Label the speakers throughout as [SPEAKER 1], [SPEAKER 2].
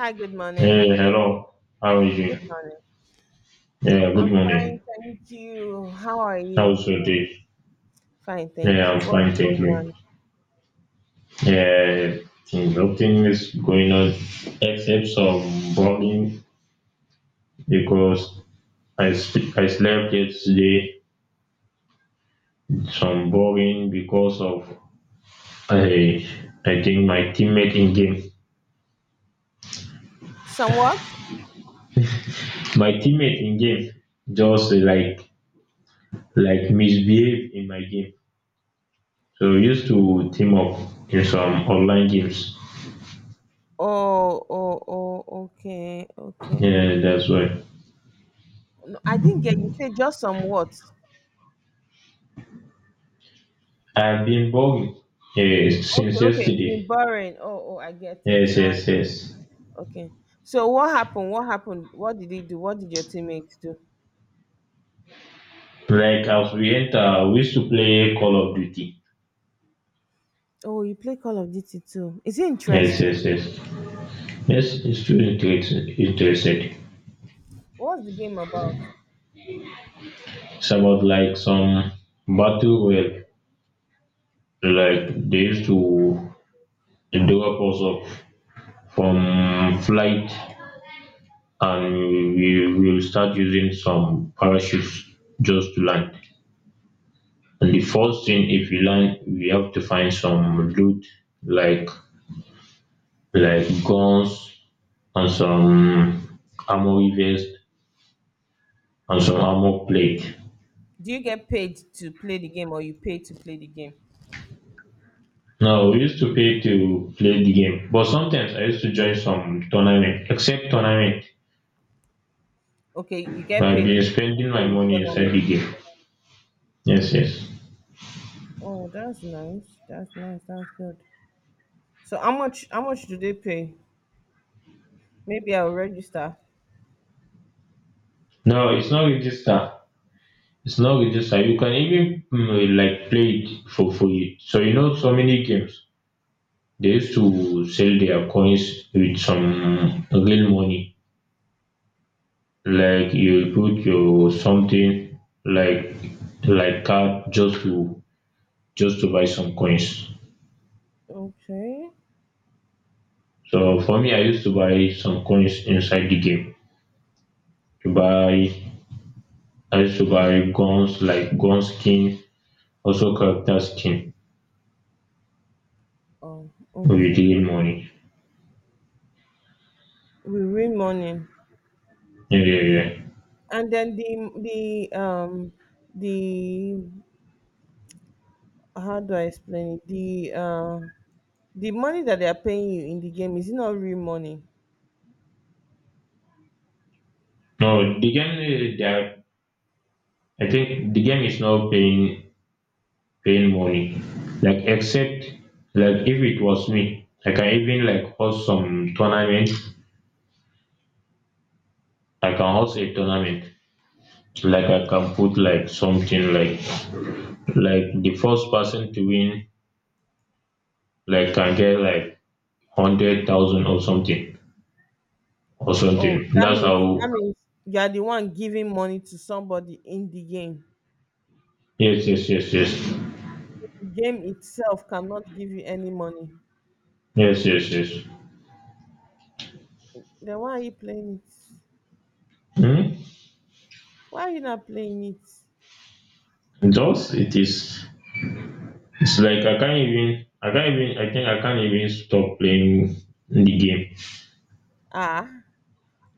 [SPEAKER 1] Hi, good morning.
[SPEAKER 2] Hey, hello. How are
[SPEAKER 1] Good
[SPEAKER 2] you?
[SPEAKER 1] morning.
[SPEAKER 2] Yeah, good
[SPEAKER 1] I'm fine,
[SPEAKER 2] morning.
[SPEAKER 1] thank you. How are you?
[SPEAKER 2] How's your day?
[SPEAKER 1] Fine,
[SPEAKER 2] Yeah,
[SPEAKER 1] thank
[SPEAKER 2] I'm
[SPEAKER 1] you. What's
[SPEAKER 2] fine, thank
[SPEAKER 1] going
[SPEAKER 2] you.
[SPEAKER 1] on?
[SPEAKER 2] Yeah, nothing is going on except some boring because I slept yesterday. Some boring because of I I think my teammate in game.
[SPEAKER 1] Somewhat?
[SPEAKER 2] My teammate in game just like misbehave in my game. So we used to team up in some online games.
[SPEAKER 1] Oh, oh, oh, okay, okay,
[SPEAKER 2] Yeah,
[SPEAKER 1] okay.
[SPEAKER 2] that's why.
[SPEAKER 1] No, I didn't get you. Say just somewhat.
[SPEAKER 2] I've been bugging, yes,
[SPEAKER 1] Okay,
[SPEAKER 2] since
[SPEAKER 1] okay. It's been
[SPEAKER 2] yesterday.
[SPEAKER 1] boring. Oh, oh, I get it
[SPEAKER 2] Yes,
[SPEAKER 1] now. I
[SPEAKER 2] yes,
[SPEAKER 1] get it.
[SPEAKER 2] yes.
[SPEAKER 1] Okay. So what happened? What happened? What did he do? What did your teammates do?
[SPEAKER 2] Like as we enter, we used to play Call of Duty.
[SPEAKER 1] Oh, you play Call of Duty too. Is it
[SPEAKER 2] Yes,
[SPEAKER 1] interesting?
[SPEAKER 2] yes, yes. Yes, it's still interested.
[SPEAKER 1] What's the game about?
[SPEAKER 2] It's about like some battle royale. Like they used to develop us up from flight, and we will start using some parachutes just to land. And the first thing, if you land, we have to find some loot like like guns and some armory vest and some armor plate.
[SPEAKER 1] Do you get paid to play the game or you pay to play the game?
[SPEAKER 2] Now we used to pay to play the game, but sometimes I used to join some tournament, except tournament.
[SPEAKER 1] Okay, you get
[SPEAKER 2] I've
[SPEAKER 1] paid to
[SPEAKER 2] been spending my
[SPEAKER 1] pay
[SPEAKER 2] money inside the
[SPEAKER 1] economy.
[SPEAKER 2] game. Yes, yes.
[SPEAKER 1] Oh, that's nice. That's nice. That's good. So how much do they pay? Maybe I'll register.
[SPEAKER 2] No, it's not register. It's not register. You can even like play it for free. So you know so many games. They used to sell their coins with some real money. Like you put your something like like card just to buy some coins.
[SPEAKER 1] Okay.
[SPEAKER 2] So for me, I used to buy some coins inside the game. To buy, I used to buy guns like gun skin, also character skin
[SPEAKER 1] Oh,
[SPEAKER 2] with
[SPEAKER 1] okay.
[SPEAKER 2] real
[SPEAKER 1] Oh,
[SPEAKER 2] money.
[SPEAKER 1] we read morning.
[SPEAKER 2] Yeah, yeah, yeah.
[SPEAKER 1] And then the the how do I explain it? The the money that they are paying you in the game, is it not real money?
[SPEAKER 2] No, the game that I think the game is not paying money. Like except like if it was me, I can even like host some tournament like a tournament, like I can put like something like the first person to win like can get like 100,000 or something or
[SPEAKER 1] Oh,
[SPEAKER 2] something. That's
[SPEAKER 1] that
[SPEAKER 2] how.
[SPEAKER 1] means you are the one giving money to somebody in the game.
[SPEAKER 2] Yes, yes, yes, yes.
[SPEAKER 1] Game itself cannot give you any money.
[SPEAKER 2] Yes, yes, yes.
[SPEAKER 1] Then why are you playing it?
[SPEAKER 2] Hmm?
[SPEAKER 1] Why are you not playing it?
[SPEAKER 2] Just it's like I think I can't even stop playing the game.
[SPEAKER 1] Ah,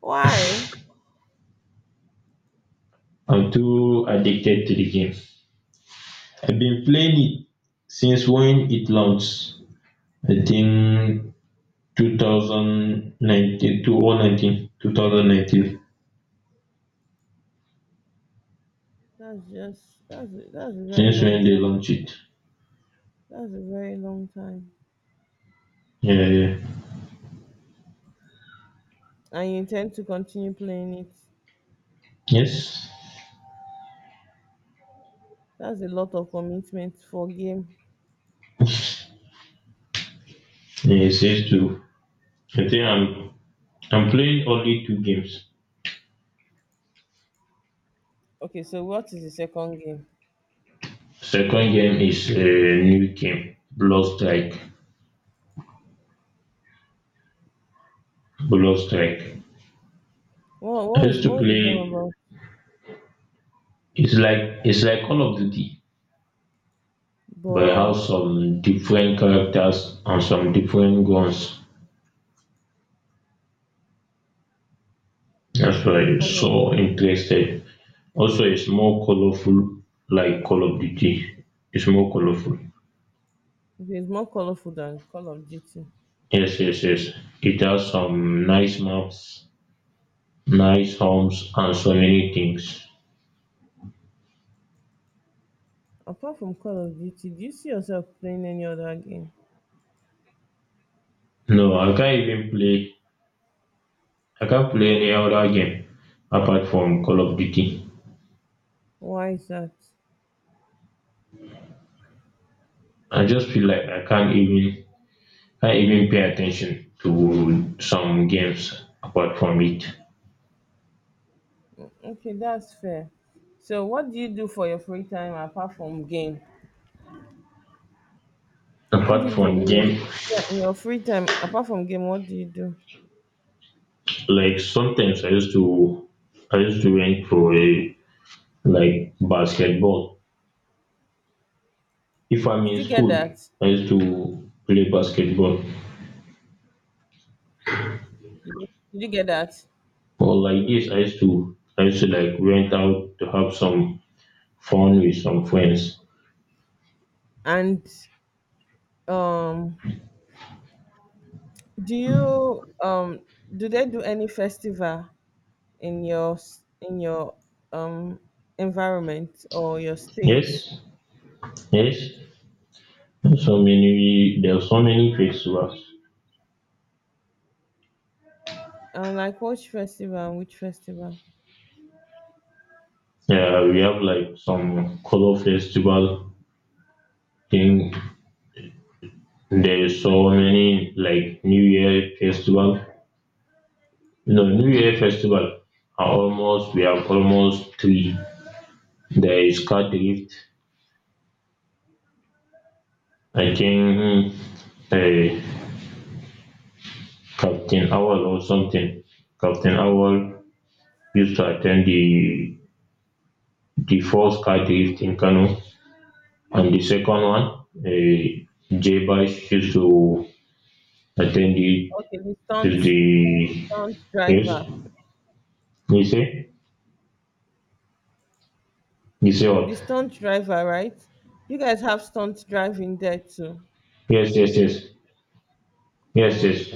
[SPEAKER 1] why?
[SPEAKER 2] I'm too addicted to the game. I've been playing it since when it launched. I think 2019,
[SPEAKER 1] That's just that's a very
[SPEAKER 2] since
[SPEAKER 1] long
[SPEAKER 2] when they
[SPEAKER 1] time.
[SPEAKER 2] launched it.
[SPEAKER 1] That's a very long time.
[SPEAKER 2] Yeah, yeah.
[SPEAKER 1] And you intend to continue playing it.
[SPEAKER 2] Yes,
[SPEAKER 1] That's a lot of commitment for game.
[SPEAKER 2] yeah, it says to. I think I'm playing only two games.
[SPEAKER 1] Okay, so what is the second game?
[SPEAKER 2] Second game is a new game, Blood Strike. Blood Strike.
[SPEAKER 1] What
[SPEAKER 2] I
[SPEAKER 1] what is
[SPEAKER 2] used to
[SPEAKER 1] what's the game
[SPEAKER 2] play.
[SPEAKER 1] about?
[SPEAKER 2] it's like Call of Duty, but it
[SPEAKER 1] But
[SPEAKER 2] has some different characters and some different guns. That's why it's
[SPEAKER 1] Call of
[SPEAKER 2] so
[SPEAKER 1] Duty.
[SPEAKER 2] interested. Also it's more colorful like Call of Duty. It's more colorful.
[SPEAKER 1] Okay, it's more colorful than Call of Duty.
[SPEAKER 2] Yes, yes, yes. It has some nice maps, nice homes, and so many things.
[SPEAKER 1] Apart from Call of Duty, do you see yourself playing any other game?
[SPEAKER 2] No, I can't even play. I can't play any other game apart from Call of Duty.
[SPEAKER 1] Why is that?
[SPEAKER 2] I just feel like I can't even pay attention to some games apart from it.
[SPEAKER 1] Okay, that's fair. So, what do you do for your free time apart from game? What do
[SPEAKER 2] Apart
[SPEAKER 1] you do
[SPEAKER 2] from
[SPEAKER 1] in your
[SPEAKER 2] game,
[SPEAKER 1] yeah, in your free time apart from game? What do you do?
[SPEAKER 2] like sometimes I used to went for a like basketball. If I'm
[SPEAKER 1] Did
[SPEAKER 2] in
[SPEAKER 1] you get
[SPEAKER 2] school,
[SPEAKER 1] that?
[SPEAKER 2] I used to play basketball.
[SPEAKER 1] Did you get that?
[SPEAKER 2] Or like this, I used to like rent out to have some fun with some friends.
[SPEAKER 1] And um, do you do they do any festival in your in your um environment or your state?
[SPEAKER 2] Yes, yes. So many there are so many festivals.
[SPEAKER 1] And like which festival? Which festival?
[SPEAKER 2] Yeah, we have like some color festival thing. There is so many like New Year festival. You know, New Year festival are almost we have almost three. There is card drift. I think uh, Captain Awal or something. Captain Awal used to attend the first cadre in Kano, and the second one, J Bash used to attend the
[SPEAKER 1] Okay,
[SPEAKER 2] the,
[SPEAKER 1] the
[SPEAKER 2] the
[SPEAKER 1] stunt
[SPEAKER 2] Yes.
[SPEAKER 1] driver.
[SPEAKER 2] You say you say
[SPEAKER 1] The
[SPEAKER 2] what?
[SPEAKER 1] stunt driver, right? You guys have stunt driving there too.
[SPEAKER 2] Yes, yes, yes, yes,
[SPEAKER 1] Oh,
[SPEAKER 2] yes.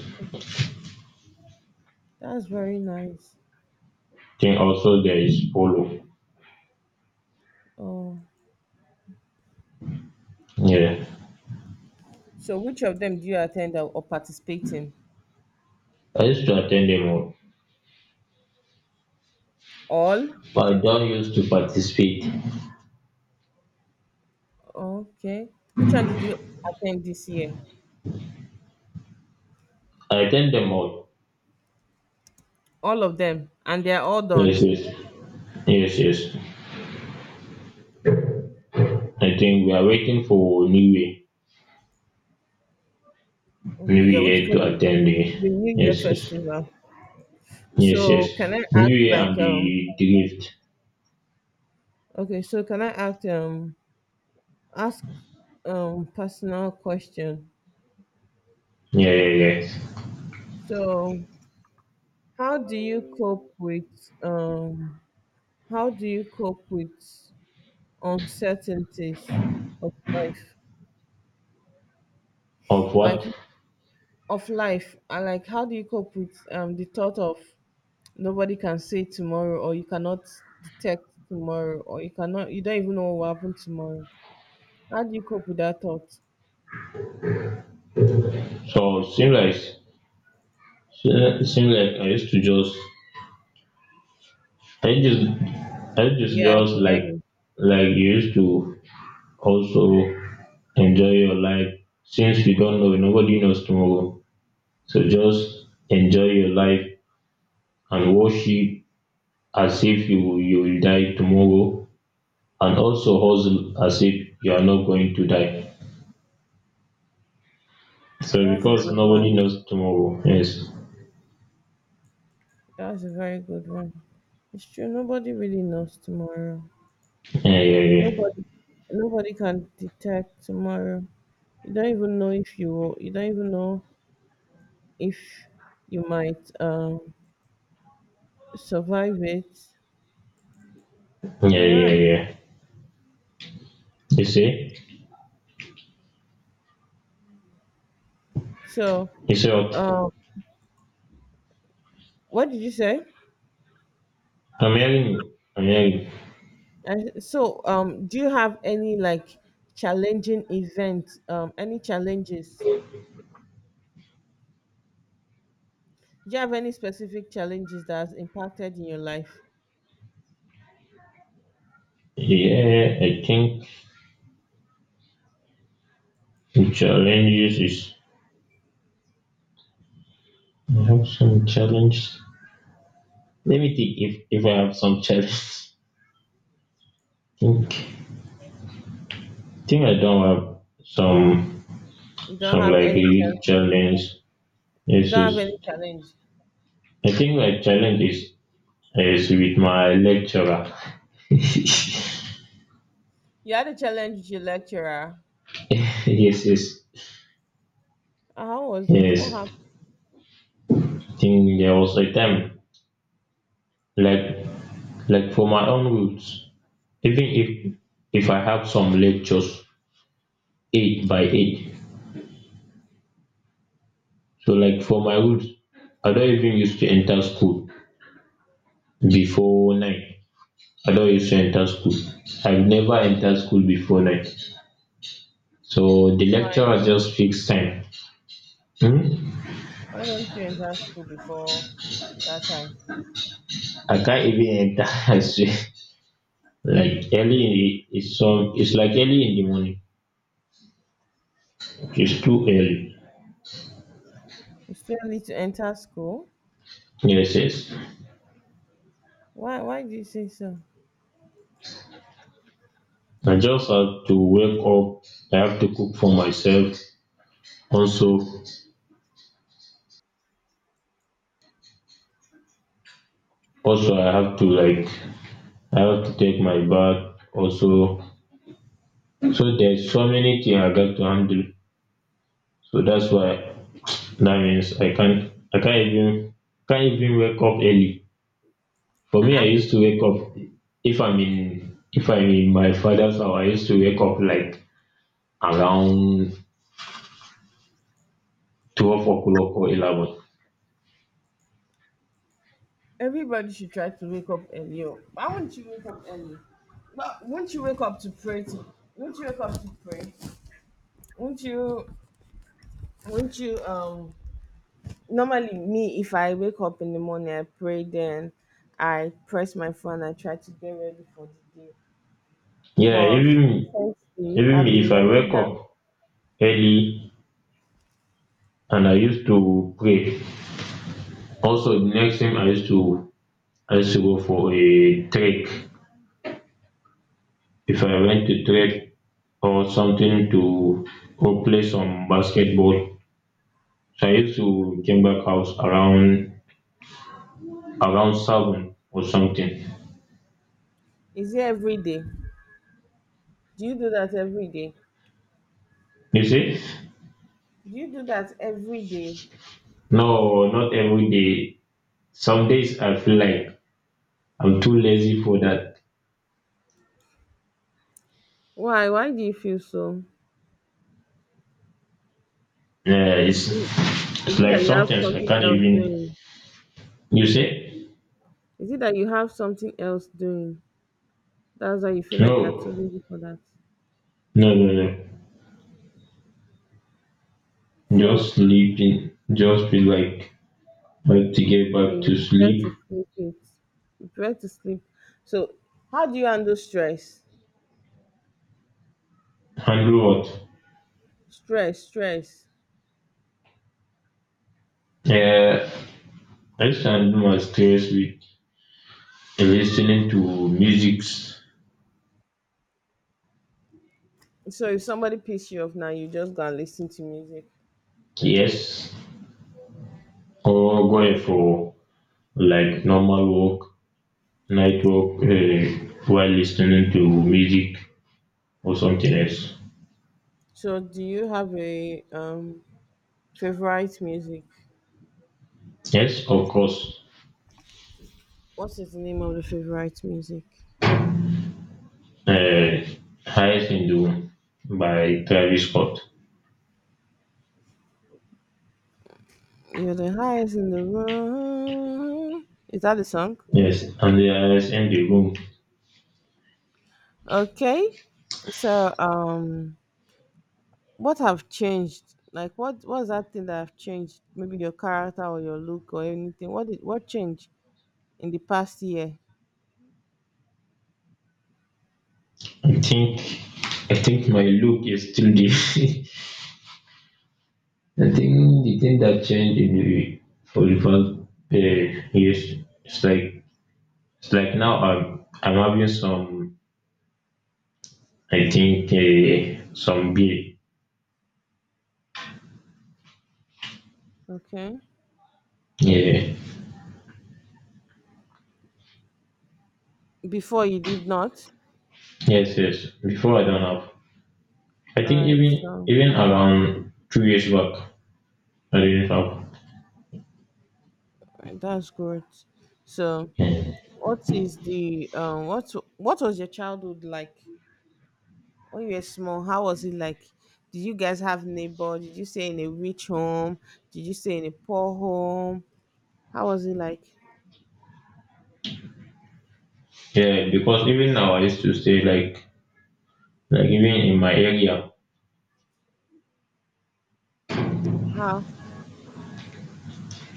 [SPEAKER 1] that's very nice.
[SPEAKER 2] Then also there is polo.
[SPEAKER 1] Oh,
[SPEAKER 2] Yeah,
[SPEAKER 1] so which of them do you attend, or participate in?
[SPEAKER 2] I used to attend them all,
[SPEAKER 1] All?
[SPEAKER 2] but I don't used to participate.
[SPEAKER 1] Okay. Which one did you attend this year?
[SPEAKER 2] I attend them all.
[SPEAKER 1] All of them, and they're all done.
[SPEAKER 2] Yes, yes, yes, yes. I think we are waiting for New Year.
[SPEAKER 1] Okay,
[SPEAKER 2] New
[SPEAKER 1] yeah, waiting
[SPEAKER 2] Year
[SPEAKER 1] for
[SPEAKER 2] to attend the,
[SPEAKER 1] the New Year
[SPEAKER 2] yes, yes,
[SPEAKER 1] festival.
[SPEAKER 2] yes, yes.
[SPEAKER 1] So can I ask
[SPEAKER 2] New Year
[SPEAKER 1] like
[SPEAKER 2] and the drift.
[SPEAKER 1] okay, so can I ask ask personal question?
[SPEAKER 2] Yeah, yeah, yeah.
[SPEAKER 1] So how do you cope with um how do you cope with uncertainties of life?
[SPEAKER 2] Of
[SPEAKER 1] Like
[SPEAKER 2] what?
[SPEAKER 1] of life, I like how do you cope with the thought of nobody can say tomorrow, or you cannot detect tomorrow, or you cannot, you don't even know what will happen tomorrow. How do you cope with that thought?
[SPEAKER 2] So seems like I used to just I just I
[SPEAKER 1] Yeah, I
[SPEAKER 2] just
[SPEAKER 1] can hear
[SPEAKER 2] like
[SPEAKER 1] you.
[SPEAKER 2] like you used to also enjoy your life, since you don't know, nobody knows tomorrow, so just enjoy your life and worship as if you will die tomorrow, and also hustle as if you are not going to die. So
[SPEAKER 1] That's a
[SPEAKER 2] because
[SPEAKER 1] good
[SPEAKER 2] nobody
[SPEAKER 1] one.
[SPEAKER 2] knows tomorrow. Yes.
[SPEAKER 1] That's a very good one. It's true. Nobody really knows tomorrow.
[SPEAKER 2] Yeah, yeah, yeah.
[SPEAKER 1] Nobody, nobody can detect tomorrow. You don't even know if you will, you don't even know if you might survive it.
[SPEAKER 2] Yeah,
[SPEAKER 1] You're
[SPEAKER 2] yeah,
[SPEAKER 1] right.
[SPEAKER 2] yeah. You see?
[SPEAKER 1] So,
[SPEAKER 2] You see what?
[SPEAKER 1] um, what did you say?
[SPEAKER 2] I'm hearing you. I'm hearing
[SPEAKER 1] And so, do you have any like challenging events? Any challenges? Do you have any specific challenges that has impacted in your life?
[SPEAKER 2] you. Yeah, I think the challenges is I have some challenge. Let me think if I have some challenge. think think I don't have some
[SPEAKER 1] You don't
[SPEAKER 2] some
[SPEAKER 1] have
[SPEAKER 2] like
[SPEAKER 1] any
[SPEAKER 2] real
[SPEAKER 1] challenges.
[SPEAKER 2] challenge.
[SPEAKER 1] You
[SPEAKER 2] Yes,
[SPEAKER 1] don't
[SPEAKER 2] yes.
[SPEAKER 1] have any challenge.
[SPEAKER 2] I think my challenge is with my lecturer. Yes,
[SPEAKER 1] You had a challenge with your lecturer.
[SPEAKER 2] yes,
[SPEAKER 1] How was it? What
[SPEAKER 2] yes.
[SPEAKER 1] happened?
[SPEAKER 2] Think there was a time, like like for my own roots, even if I have some lectures eight by eight. So like for my roots, I don't even used to enter school before nine. I don't used to enter school. I've never entered school before nine. So the
[SPEAKER 1] Right.
[SPEAKER 2] lecturer just fixed time. Hmm?
[SPEAKER 1] Why don't you enter school before that time?
[SPEAKER 2] I can't even enter. I swear. Like early in the, it's some. It's like early in the morning, it's too early.
[SPEAKER 1] It's still need to enter school?
[SPEAKER 2] Yes, yes.
[SPEAKER 1] Why do you say so?
[SPEAKER 2] I just have to wake up. I have to cook for myself. Also, also I have to like I have to take my bath. Also, so there's so many things I got to handle. So that's why that means I can't even wake up early. For me, I
[SPEAKER 1] Uh-uh.
[SPEAKER 2] used to wake up if I'm in my father's house. I used to wake up like around 12 o'clock or 11.
[SPEAKER 1] Everybody should try to wake up earlier. Why won't you wake up early? But won't you wake up to pray to, won't you wake up to pray? Won't you won't you normally me, if I wake up in the morning I pray, then I press my phone, I try to get ready for the day.
[SPEAKER 2] Yeah,
[SPEAKER 1] But
[SPEAKER 2] even
[SPEAKER 1] recently
[SPEAKER 2] even
[SPEAKER 1] I've been
[SPEAKER 2] if I
[SPEAKER 1] learning
[SPEAKER 2] wake
[SPEAKER 1] that,
[SPEAKER 2] up early, and I used to pray. Also the next thing i used to go for a trek, if I went to trek or something, to go play some basketball. So I used to came back house around seven or something.
[SPEAKER 1] is it every day? Do you do that every day?
[SPEAKER 2] You see,
[SPEAKER 1] Do you do that every day?
[SPEAKER 2] no, not every day. Some days I feel like I'm too lazy for that.
[SPEAKER 1] Why? Why do you feel so?
[SPEAKER 2] uh, it's,
[SPEAKER 1] Do you,
[SPEAKER 2] it's
[SPEAKER 1] is it
[SPEAKER 2] like
[SPEAKER 1] that you have
[SPEAKER 2] sometimes I
[SPEAKER 1] something
[SPEAKER 2] can't
[SPEAKER 1] else
[SPEAKER 2] even,
[SPEAKER 1] doing?
[SPEAKER 2] you see,
[SPEAKER 1] Is it that you have something else doing? That's why you feel like you're too
[SPEAKER 2] no,
[SPEAKER 1] busy for that.
[SPEAKER 2] no, no, no.
[SPEAKER 1] So
[SPEAKER 2] Just sleeping, just be like, to get
[SPEAKER 1] okay,
[SPEAKER 2] back
[SPEAKER 1] you
[SPEAKER 2] to
[SPEAKER 1] prefer
[SPEAKER 2] sleep.
[SPEAKER 1] to sleep it. You prefer to sleep. So how do you handle stress?
[SPEAKER 2] Handle
[SPEAKER 1] Stress, stress.
[SPEAKER 2] what? I used to handle my stress with listening to music,
[SPEAKER 1] So if somebody pisses you off now, you just go and listen to music.
[SPEAKER 2] yes, or going
[SPEAKER 1] Okay.
[SPEAKER 2] for like normal walk, night walk, while listening to music or something else.
[SPEAKER 1] So do you have a favorite music?
[SPEAKER 2] Yes, of course,
[SPEAKER 1] What is the name of the favorite music?
[SPEAKER 2] uh, highest in the room by Travis Scott.
[SPEAKER 1] You're the highest in the room. Is that the song?
[SPEAKER 2] Yes, and the highest in the room.
[SPEAKER 1] Okay. So, what have changed? Like, what was that thing that have changed? Maybe your character or your look or anything. What did, what changed in the past year?
[SPEAKER 2] I think I think my look is still the. I think the thing that changed in the for the past, years, it's like it's like now I'm having some, I think, some beer.
[SPEAKER 1] Okay.
[SPEAKER 2] Yeah.
[SPEAKER 1] Before you did not.
[SPEAKER 2] Yes, yes. Before I don't have. I
[SPEAKER 1] All
[SPEAKER 2] think
[SPEAKER 1] right.
[SPEAKER 2] even
[SPEAKER 1] So
[SPEAKER 2] even around 2 years back I didn't have.
[SPEAKER 1] alright, that's good. So,
[SPEAKER 2] Yeah.
[SPEAKER 1] what is the? What was your childhood like? When you were small, how was it like? Did you guys have neighbor? Did you stay in a rich home? Did you stay in a poor home? How was it like?
[SPEAKER 2] Yeah, because even now I used to say like even in my area
[SPEAKER 1] How?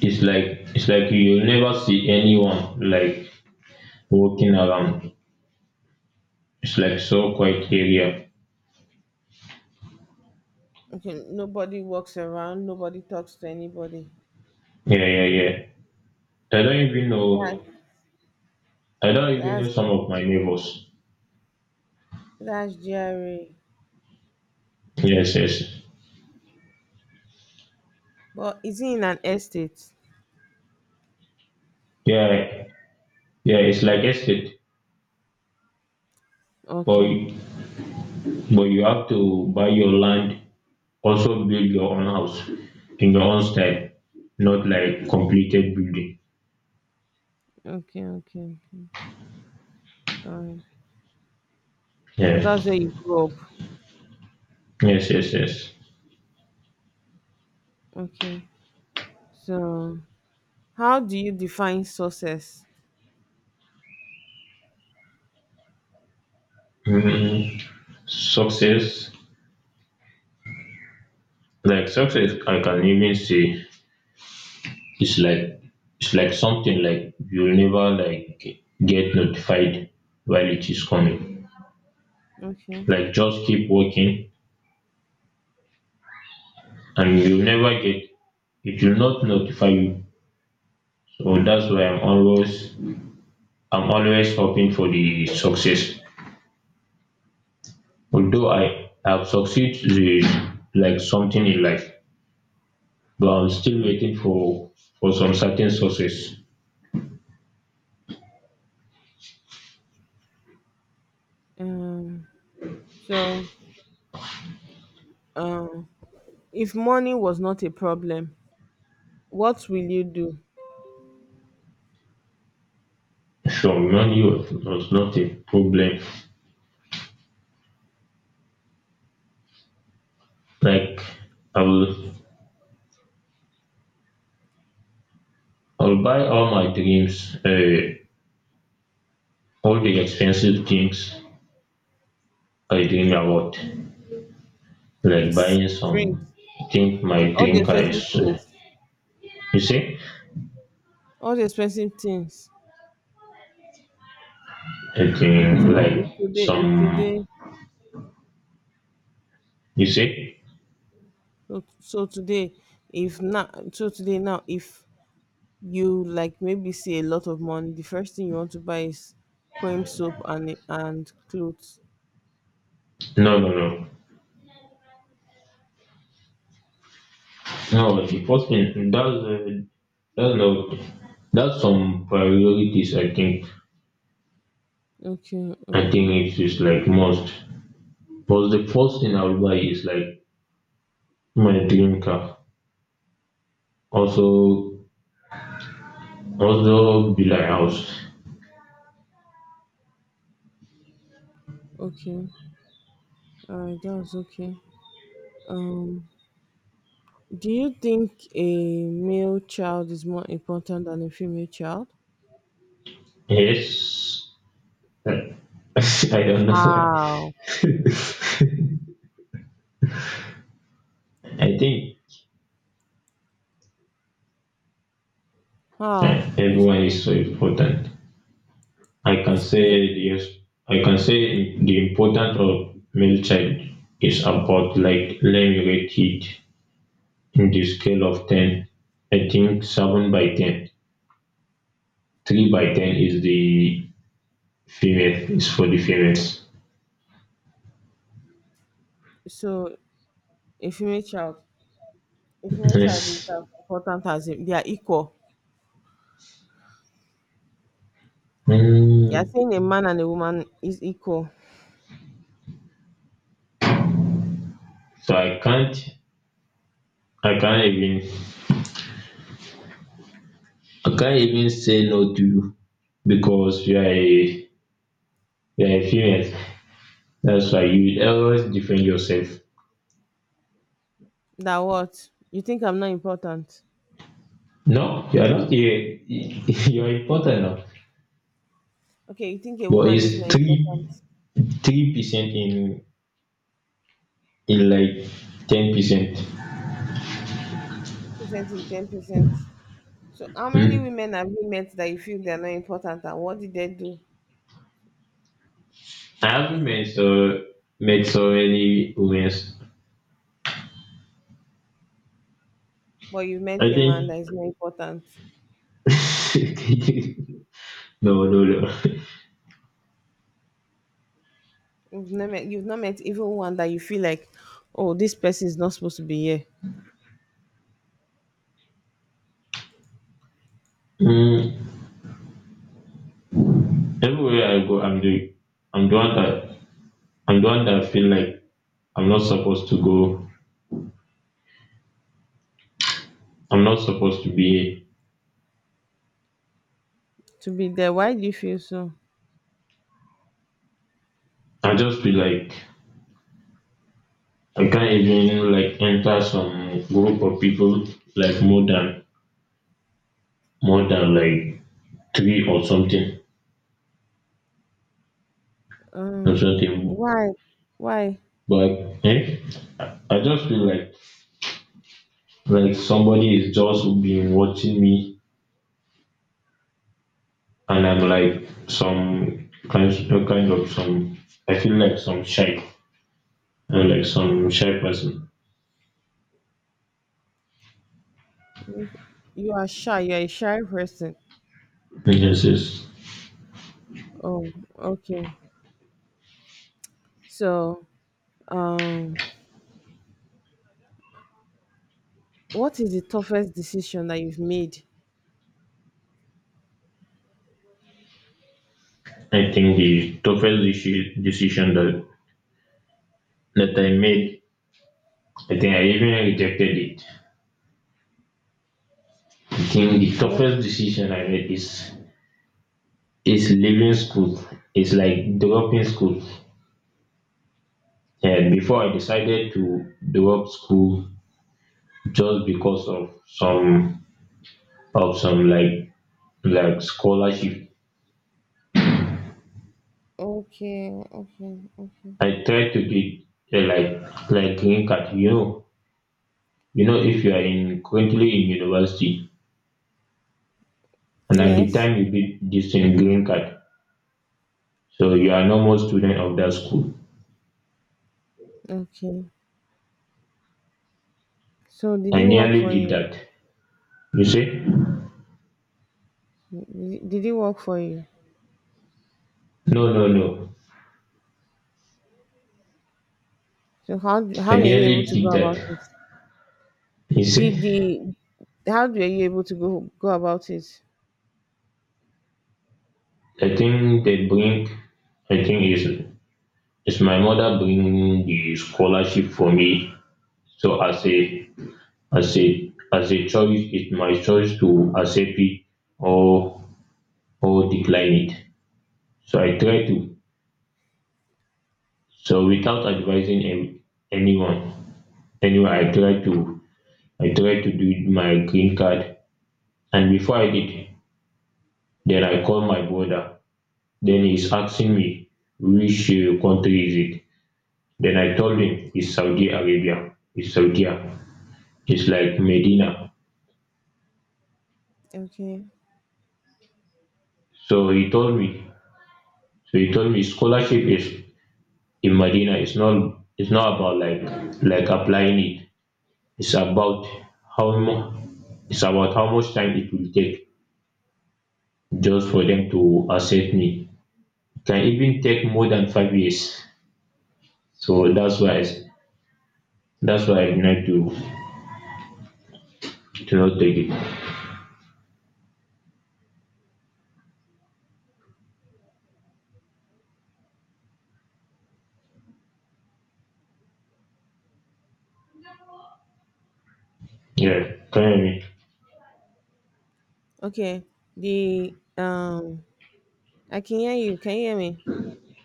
[SPEAKER 2] it's like you'll never see anyone like walking around. It's like so quiet area.
[SPEAKER 1] Okay, nobody walks around. Nobody talks to anybody.
[SPEAKER 2] Yeah, yeah, yeah. I don't even
[SPEAKER 1] That's
[SPEAKER 2] know. I don't even know
[SPEAKER 1] that's
[SPEAKER 2] some of my neighbors.
[SPEAKER 1] that's Jerry.
[SPEAKER 2] Yes, yes.
[SPEAKER 1] But is he in an estate?
[SPEAKER 2] Yeah, yeah. It's like estate, but
[SPEAKER 1] Okay,
[SPEAKER 2] but you have to buy your land, also build your own house in your own style, not like completed building.
[SPEAKER 1] okay, okay, okay. All right. So
[SPEAKER 2] Yeah.
[SPEAKER 1] that's where you grew up.
[SPEAKER 2] Yes, yes, yes.
[SPEAKER 1] Okay. So how do you define success?
[SPEAKER 2] Mm, success, like success, I can even say it's like it's like something like you'll never like get notified while it is coming.
[SPEAKER 1] Okay.
[SPEAKER 2] Like just keep working and you'll never get, it will not notify you. So that's why I'm always hoping for the success. Although I have succeeded with like something in life, but I'm still
[SPEAKER 1] Mm.
[SPEAKER 2] waiting for some certain success.
[SPEAKER 1] Um. so um. If money was not a problem, what will you do?
[SPEAKER 2] From money was not a problem. Like I will I'll buy all my dreams, all the expensive things I dream about, like
[SPEAKER 1] S-
[SPEAKER 2] buying
[SPEAKER 1] Drink,
[SPEAKER 2] some, I think my
[SPEAKER 1] all the
[SPEAKER 2] dream car
[SPEAKER 1] expensive
[SPEAKER 2] is,
[SPEAKER 1] things,
[SPEAKER 2] you see,
[SPEAKER 1] all the expensive things.
[SPEAKER 2] I think
[SPEAKER 1] So
[SPEAKER 2] like
[SPEAKER 1] if today, if
[SPEAKER 2] some,
[SPEAKER 1] today,
[SPEAKER 2] you see,
[SPEAKER 1] so so today, if now, so today now, if you like maybe see a lot of money, the first thing you want to buy is cream soap and clothes.
[SPEAKER 2] no, no, no, no. Like, the first thing that's no, that's some priorities. I think
[SPEAKER 1] Okay,
[SPEAKER 2] I
[SPEAKER 1] okay,
[SPEAKER 2] think it is like most. But the first thing I'll buy is like my dream car. Also, also, be like house.
[SPEAKER 1] okay. Alright, that's okay. Um, do you think a male child is more important than a female child?
[SPEAKER 2] Yes. Uh, I don't know why.
[SPEAKER 1] How?
[SPEAKER 2] I think,
[SPEAKER 1] How?
[SPEAKER 2] everyone is
[SPEAKER 1] Explain.
[SPEAKER 2] so important. I can say
[SPEAKER 1] Explain.
[SPEAKER 2] yes. I can say the importance of male child is about, like let me rate it in the scale of ten. I think seven by ten. Three by ten is the female. Is for the females.
[SPEAKER 1] So, a female child, a female child is
[SPEAKER 2] Yes.
[SPEAKER 1] as important as a, they are equal. They are
[SPEAKER 2] Hmm.
[SPEAKER 1] saying a man and a woman is equal.
[SPEAKER 2] So I can't. I can't even I can't even say no to you because you are a female. That's why you always defend yourself.
[SPEAKER 1] That what? You think I'm not important?
[SPEAKER 2] No, you are not a, you are important now.
[SPEAKER 1] Okay, you think a
[SPEAKER 2] But
[SPEAKER 1] woman is not
[SPEAKER 2] it's
[SPEAKER 1] important?
[SPEAKER 2] three percent in like 10%.
[SPEAKER 1] Percent is 10%. So, how
[SPEAKER 2] Hmm.
[SPEAKER 1] many women have you met that you feel they are not important, and what did they do?
[SPEAKER 2] I haven't met so many women.
[SPEAKER 1] But you met
[SPEAKER 2] I
[SPEAKER 1] a man
[SPEAKER 2] think,
[SPEAKER 1] that is not important.
[SPEAKER 2] no, no, no.
[SPEAKER 1] You've not met. You've not met even one that you feel like, oh, this person is not supposed to be here.
[SPEAKER 2] Mm, everywhere I go, I'm the one that I'm the one that feel like I'm not supposed to go. I'm not supposed to be here.
[SPEAKER 1] To be there. Why do you feel so?
[SPEAKER 2] I just feel like I can't even like enter some group of people like more than like three or something
[SPEAKER 1] Uh,
[SPEAKER 2] or something.
[SPEAKER 1] why? Why?
[SPEAKER 2] But eh, I just feel like somebody is just been watching me, and I'm like some kind of some. I feel like some shy, and like some shy person.
[SPEAKER 1] You are shy. You're a shy person.
[SPEAKER 2] This is
[SPEAKER 1] Oh, okay. So, um, what is the toughest decision that you've made?
[SPEAKER 2] I think the toughest decision that I made, I think I even rejected it. I think the
[SPEAKER 1] I don't-
[SPEAKER 2] toughest decision I made is leaving school. It's like dropping school. And before I decided to drop school just because of some of some scholarship.
[SPEAKER 1] Okay, okay, okay.
[SPEAKER 2] I tried to get a green card. You know if you are in currently in university and at the
[SPEAKER 1] Yes.
[SPEAKER 2] time you get this in green card, so you are no more student of that school.
[SPEAKER 1] Okay. So, did
[SPEAKER 2] I
[SPEAKER 1] it work
[SPEAKER 2] nearly
[SPEAKER 1] for
[SPEAKER 2] did
[SPEAKER 1] you?
[SPEAKER 2] that. You see?
[SPEAKER 1] Did it work for you?
[SPEAKER 2] No, no, no.
[SPEAKER 1] So, how
[SPEAKER 2] I
[SPEAKER 1] are you able
[SPEAKER 2] nearly
[SPEAKER 1] to
[SPEAKER 2] did
[SPEAKER 1] go
[SPEAKER 2] that.
[SPEAKER 1] about it?
[SPEAKER 2] You
[SPEAKER 1] Did
[SPEAKER 2] see?
[SPEAKER 1] the, how were you able to go about it?
[SPEAKER 2] I think they bring, I think it's my mother bringing the scholarship for me. So as a choice, it's my choice to accept it or, or decline it. So I try to, so without advising anyone, anyway, I try to do my green card. And before I did, then I called my brother. Then he's asking me which country is it? Then I told him it's Saudi Arabia. It's Saudi. It's like Medina.
[SPEAKER 1] Okay.
[SPEAKER 2] So he told me. So he told me scholarship is in Medina. It's not. It's not about like applying it. It's about how mu- it's about how much time it will take just for them to accept me. It can even take more than 5 years. So that's why I denied to not take it. Yeah, can you hear me?
[SPEAKER 1] Okay. The I can hear you. Can you hear me?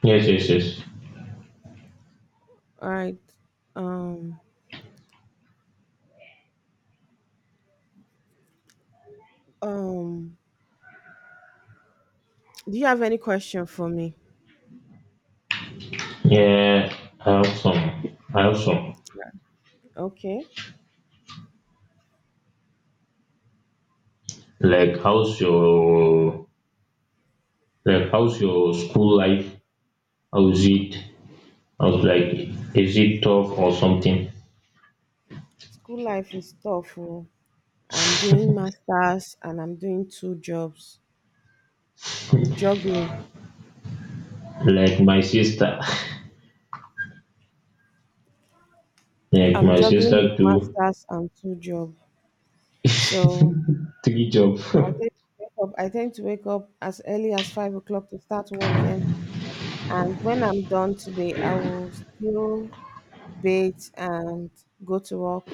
[SPEAKER 2] Yes, yes, yes.
[SPEAKER 1] All right. Um um do you have any question for me?
[SPEAKER 2] Yeah, I have some. I have some.
[SPEAKER 1] Okay.
[SPEAKER 2] Like, how's your like how's your school life? How's it? How's like is it tough or something?
[SPEAKER 1] School life is tough. Oh. I'm doing masters and I'm doing two jobs. I'm juggling.
[SPEAKER 2] Like my sister, like
[SPEAKER 1] I'm
[SPEAKER 2] my
[SPEAKER 1] juggling with
[SPEAKER 2] sister too.
[SPEAKER 1] masters and two jobs. So
[SPEAKER 2] Three job.
[SPEAKER 1] I tend to wake up as early as 5 o'clock to start working. And when I'm done today, I will still bathe and go to work.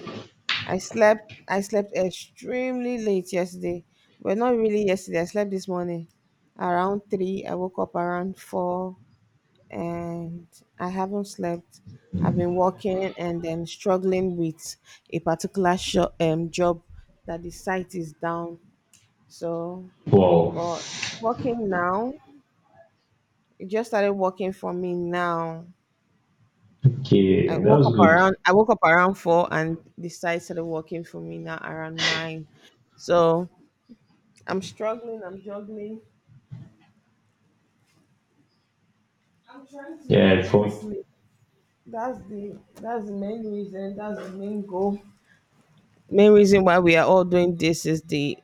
[SPEAKER 1] I slept I slept extremely late yesterday. Well, not really yesterday. I slept this morning around 3. I woke up around 4 and I haven't slept. I've been working, and then struggling with a particular sho job that the site is down. So,
[SPEAKER 2] Wow.
[SPEAKER 1] but it's working now. It just started working for me now.
[SPEAKER 2] Okay, that was good.
[SPEAKER 1] I woke up around 4, and the site started working for me now around 9. So, I'm struggling. I'm juggling. I'm trying to make
[SPEAKER 2] Yeah,
[SPEAKER 1] ends
[SPEAKER 2] for
[SPEAKER 1] meet. That's the main reason. That's the main goal. Main reason why we are all doing this is the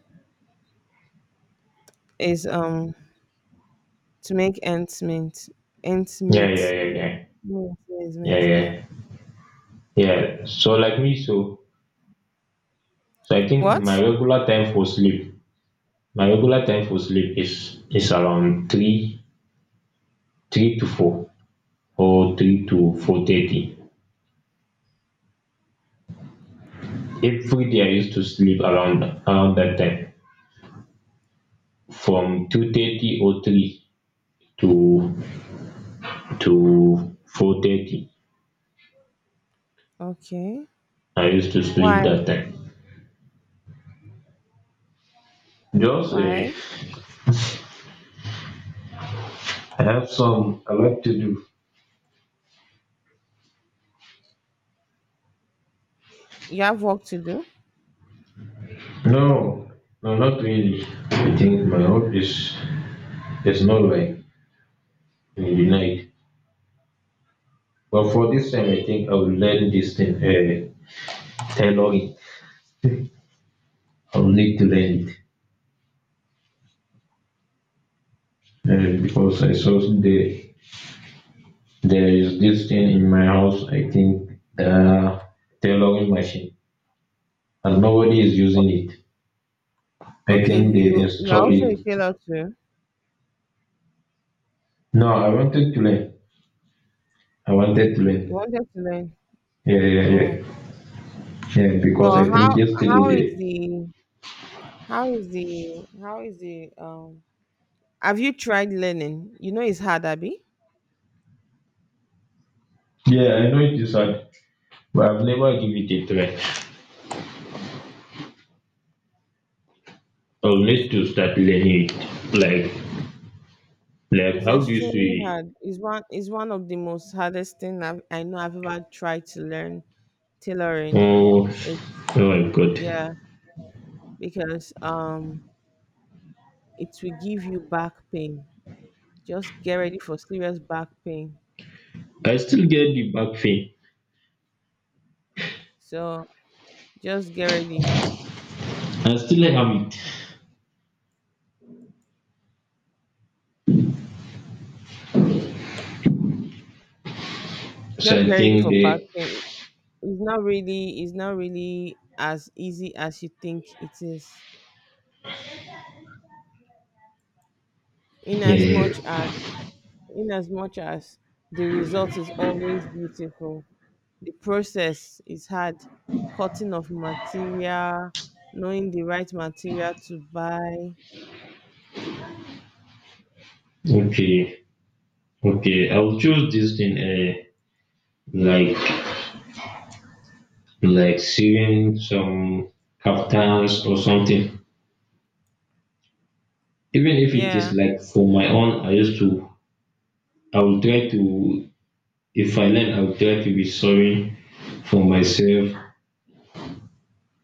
[SPEAKER 1] is to make ends meet. Ends
[SPEAKER 2] yeah,
[SPEAKER 1] meet.
[SPEAKER 2] yeah,
[SPEAKER 1] Meet,
[SPEAKER 2] yeah,
[SPEAKER 1] meet,
[SPEAKER 2] yeah,
[SPEAKER 1] meet.
[SPEAKER 2] yeah,
[SPEAKER 1] Yeah.
[SPEAKER 2] yeah, yeah. So like me, so so I think my
[SPEAKER 1] What?
[SPEAKER 2] regular time for sleep my regular time for sleep is around three 3 to 4 or 3 to 4:30. Every day I used to sleep around that time, from 2:30 or three to to 4:30.
[SPEAKER 1] Okay.
[SPEAKER 2] I used to
[SPEAKER 1] Why?
[SPEAKER 2] sleep that time. Just
[SPEAKER 1] Why?
[SPEAKER 2] I have some I like to do.
[SPEAKER 1] You have work to do.
[SPEAKER 2] No, no, not really. I think my hope is not like in the night. But for this time, I think I will learn this thing, tailoring. Of league land because there is this thing in my house. I think the tailoring machine, and nobody is
[SPEAKER 1] O-
[SPEAKER 2] using it. I
[SPEAKER 1] Okay.
[SPEAKER 2] think they
[SPEAKER 1] You you're
[SPEAKER 2] install
[SPEAKER 1] also a
[SPEAKER 2] it.
[SPEAKER 1] tailor too.
[SPEAKER 2] No, I wanted to learn. I wanted to
[SPEAKER 1] You
[SPEAKER 2] learn.
[SPEAKER 1] wanted to learn.
[SPEAKER 2] Yeah, yeah,
[SPEAKER 1] Oh,
[SPEAKER 2] yeah, yeah. Because
[SPEAKER 1] well.
[SPEAKER 2] I think yesterday they.
[SPEAKER 1] How is the how is the, have you tried learning? You know it's hard, Abby.
[SPEAKER 2] Yeah, I know it is hard, but I've never give it a try. I'll
[SPEAKER 1] It's,
[SPEAKER 2] need to start learning it. Like, like
[SPEAKER 1] it's
[SPEAKER 2] how do you
[SPEAKER 1] extremely
[SPEAKER 2] say?
[SPEAKER 1] hard. It's one, it's one of the most hardest thing I know I've ever tried to learn tailoring.
[SPEAKER 2] Oh,
[SPEAKER 1] It's
[SPEAKER 2] oh my God!
[SPEAKER 1] yeah, because it will give you back pain. Just get ready for serious back pain.
[SPEAKER 2] I still get the back pain
[SPEAKER 1] So just get ready.
[SPEAKER 2] I still like Hamid. So
[SPEAKER 1] Just
[SPEAKER 2] I
[SPEAKER 1] get ready
[SPEAKER 2] think
[SPEAKER 1] for back
[SPEAKER 2] they
[SPEAKER 1] pain. It's not really, it's not really as easy as you think it is. In as much
[SPEAKER 2] uh,
[SPEAKER 1] as in as much as the result is always beautiful, the process is hard. Cutting of material, knowing the right material to buy.
[SPEAKER 2] okay okay I'll choose this thing like like sewing some kaftans or something. Even if it is
[SPEAKER 1] Yeah,
[SPEAKER 2] like for my own, I used to I will try to if I learn I'll try to be sewing for myself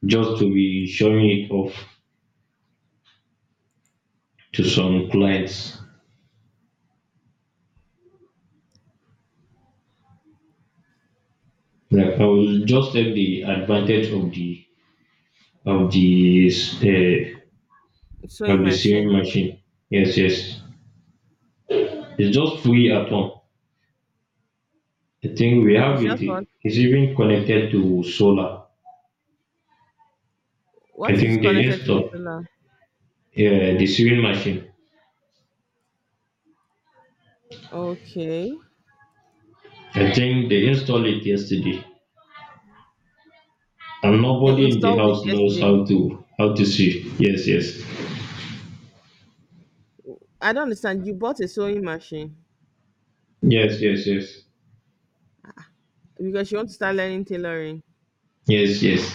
[SPEAKER 2] just to be showing it off to some clients. Like I will just take the advantage of the of the uh, of
[SPEAKER 1] sewing
[SPEAKER 2] the sewing
[SPEAKER 1] machine.
[SPEAKER 2] machine. Yes, yes. It's just free at home. I think we
[SPEAKER 1] It's
[SPEAKER 2] have it.
[SPEAKER 1] just what
[SPEAKER 2] It's even connected to solar. I
[SPEAKER 1] what is
[SPEAKER 2] think they
[SPEAKER 1] connected to the
[SPEAKER 2] install
[SPEAKER 1] solar.
[SPEAKER 2] the sewing machine.
[SPEAKER 1] Okay.
[SPEAKER 2] I think they installed it yesterday, and
[SPEAKER 1] They
[SPEAKER 2] nobody in the
[SPEAKER 1] installed it
[SPEAKER 2] house knows
[SPEAKER 1] yesterday.
[SPEAKER 2] how to sew. Yes, yes,
[SPEAKER 1] I don't understand. You bought a sewing machine
[SPEAKER 2] yes, yes, yes,
[SPEAKER 1] because you want to start learning tailoring.
[SPEAKER 2] yes, yes.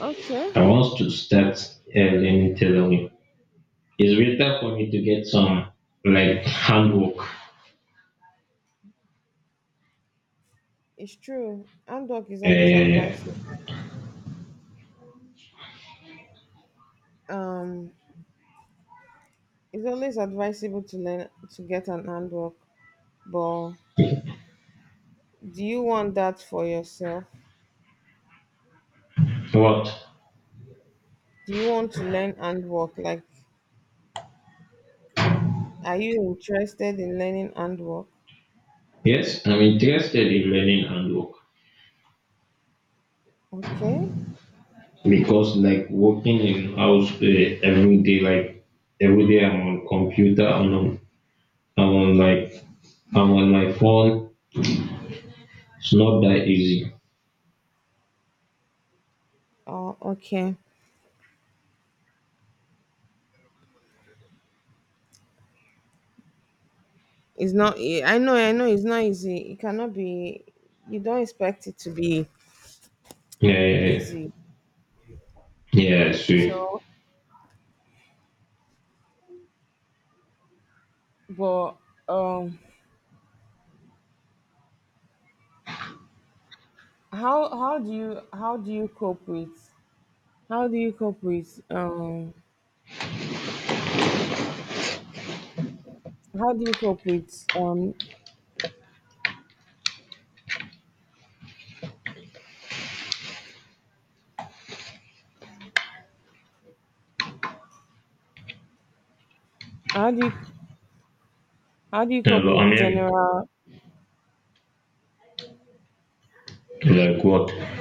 [SPEAKER 1] Okay,
[SPEAKER 2] I want to start learning tailoring. It's better for me to get some like handwork.
[SPEAKER 1] it's true. Handwork is always
[SPEAKER 2] Uh,
[SPEAKER 1] advised. Um, It's always advisable to learn to get an handwork, but do you want that for yourself?
[SPEAKER 2] what?
[SPEAKER 1] Do you want to learn handwork? Like, are you interested in learning handwork?
[SPEAKER 2] Yes, I'm interested in learning and work
[SPEAKER 1] Okay.
[SPEAKER 2] because like working in house every day, like every day I'm on computer I'm on like I'm on my phone. It's not that easy.
[SPEAKER 1] Oh, okay. It's not. I know. I know. It's not easy. It cannot be. You don't expect it to be
[SPEAKER 2] Yeah, yeah,
[SPEAKER 1] easy.
[SPEAKER 2] yeah. Yeah, I see.
[SPEAKER 1] So, but um, how do you cope with how do you cope with how do you cope with um how do you, how do you
[SPEAKER 2] Yeah,
[SPEAKER 1] cope
[SPEAKER 2] but I'm
[SPEAKER 1] with
[SPEAKER 2] hearing
[SPEAKER 1] general
[SPEAKER 2] like what?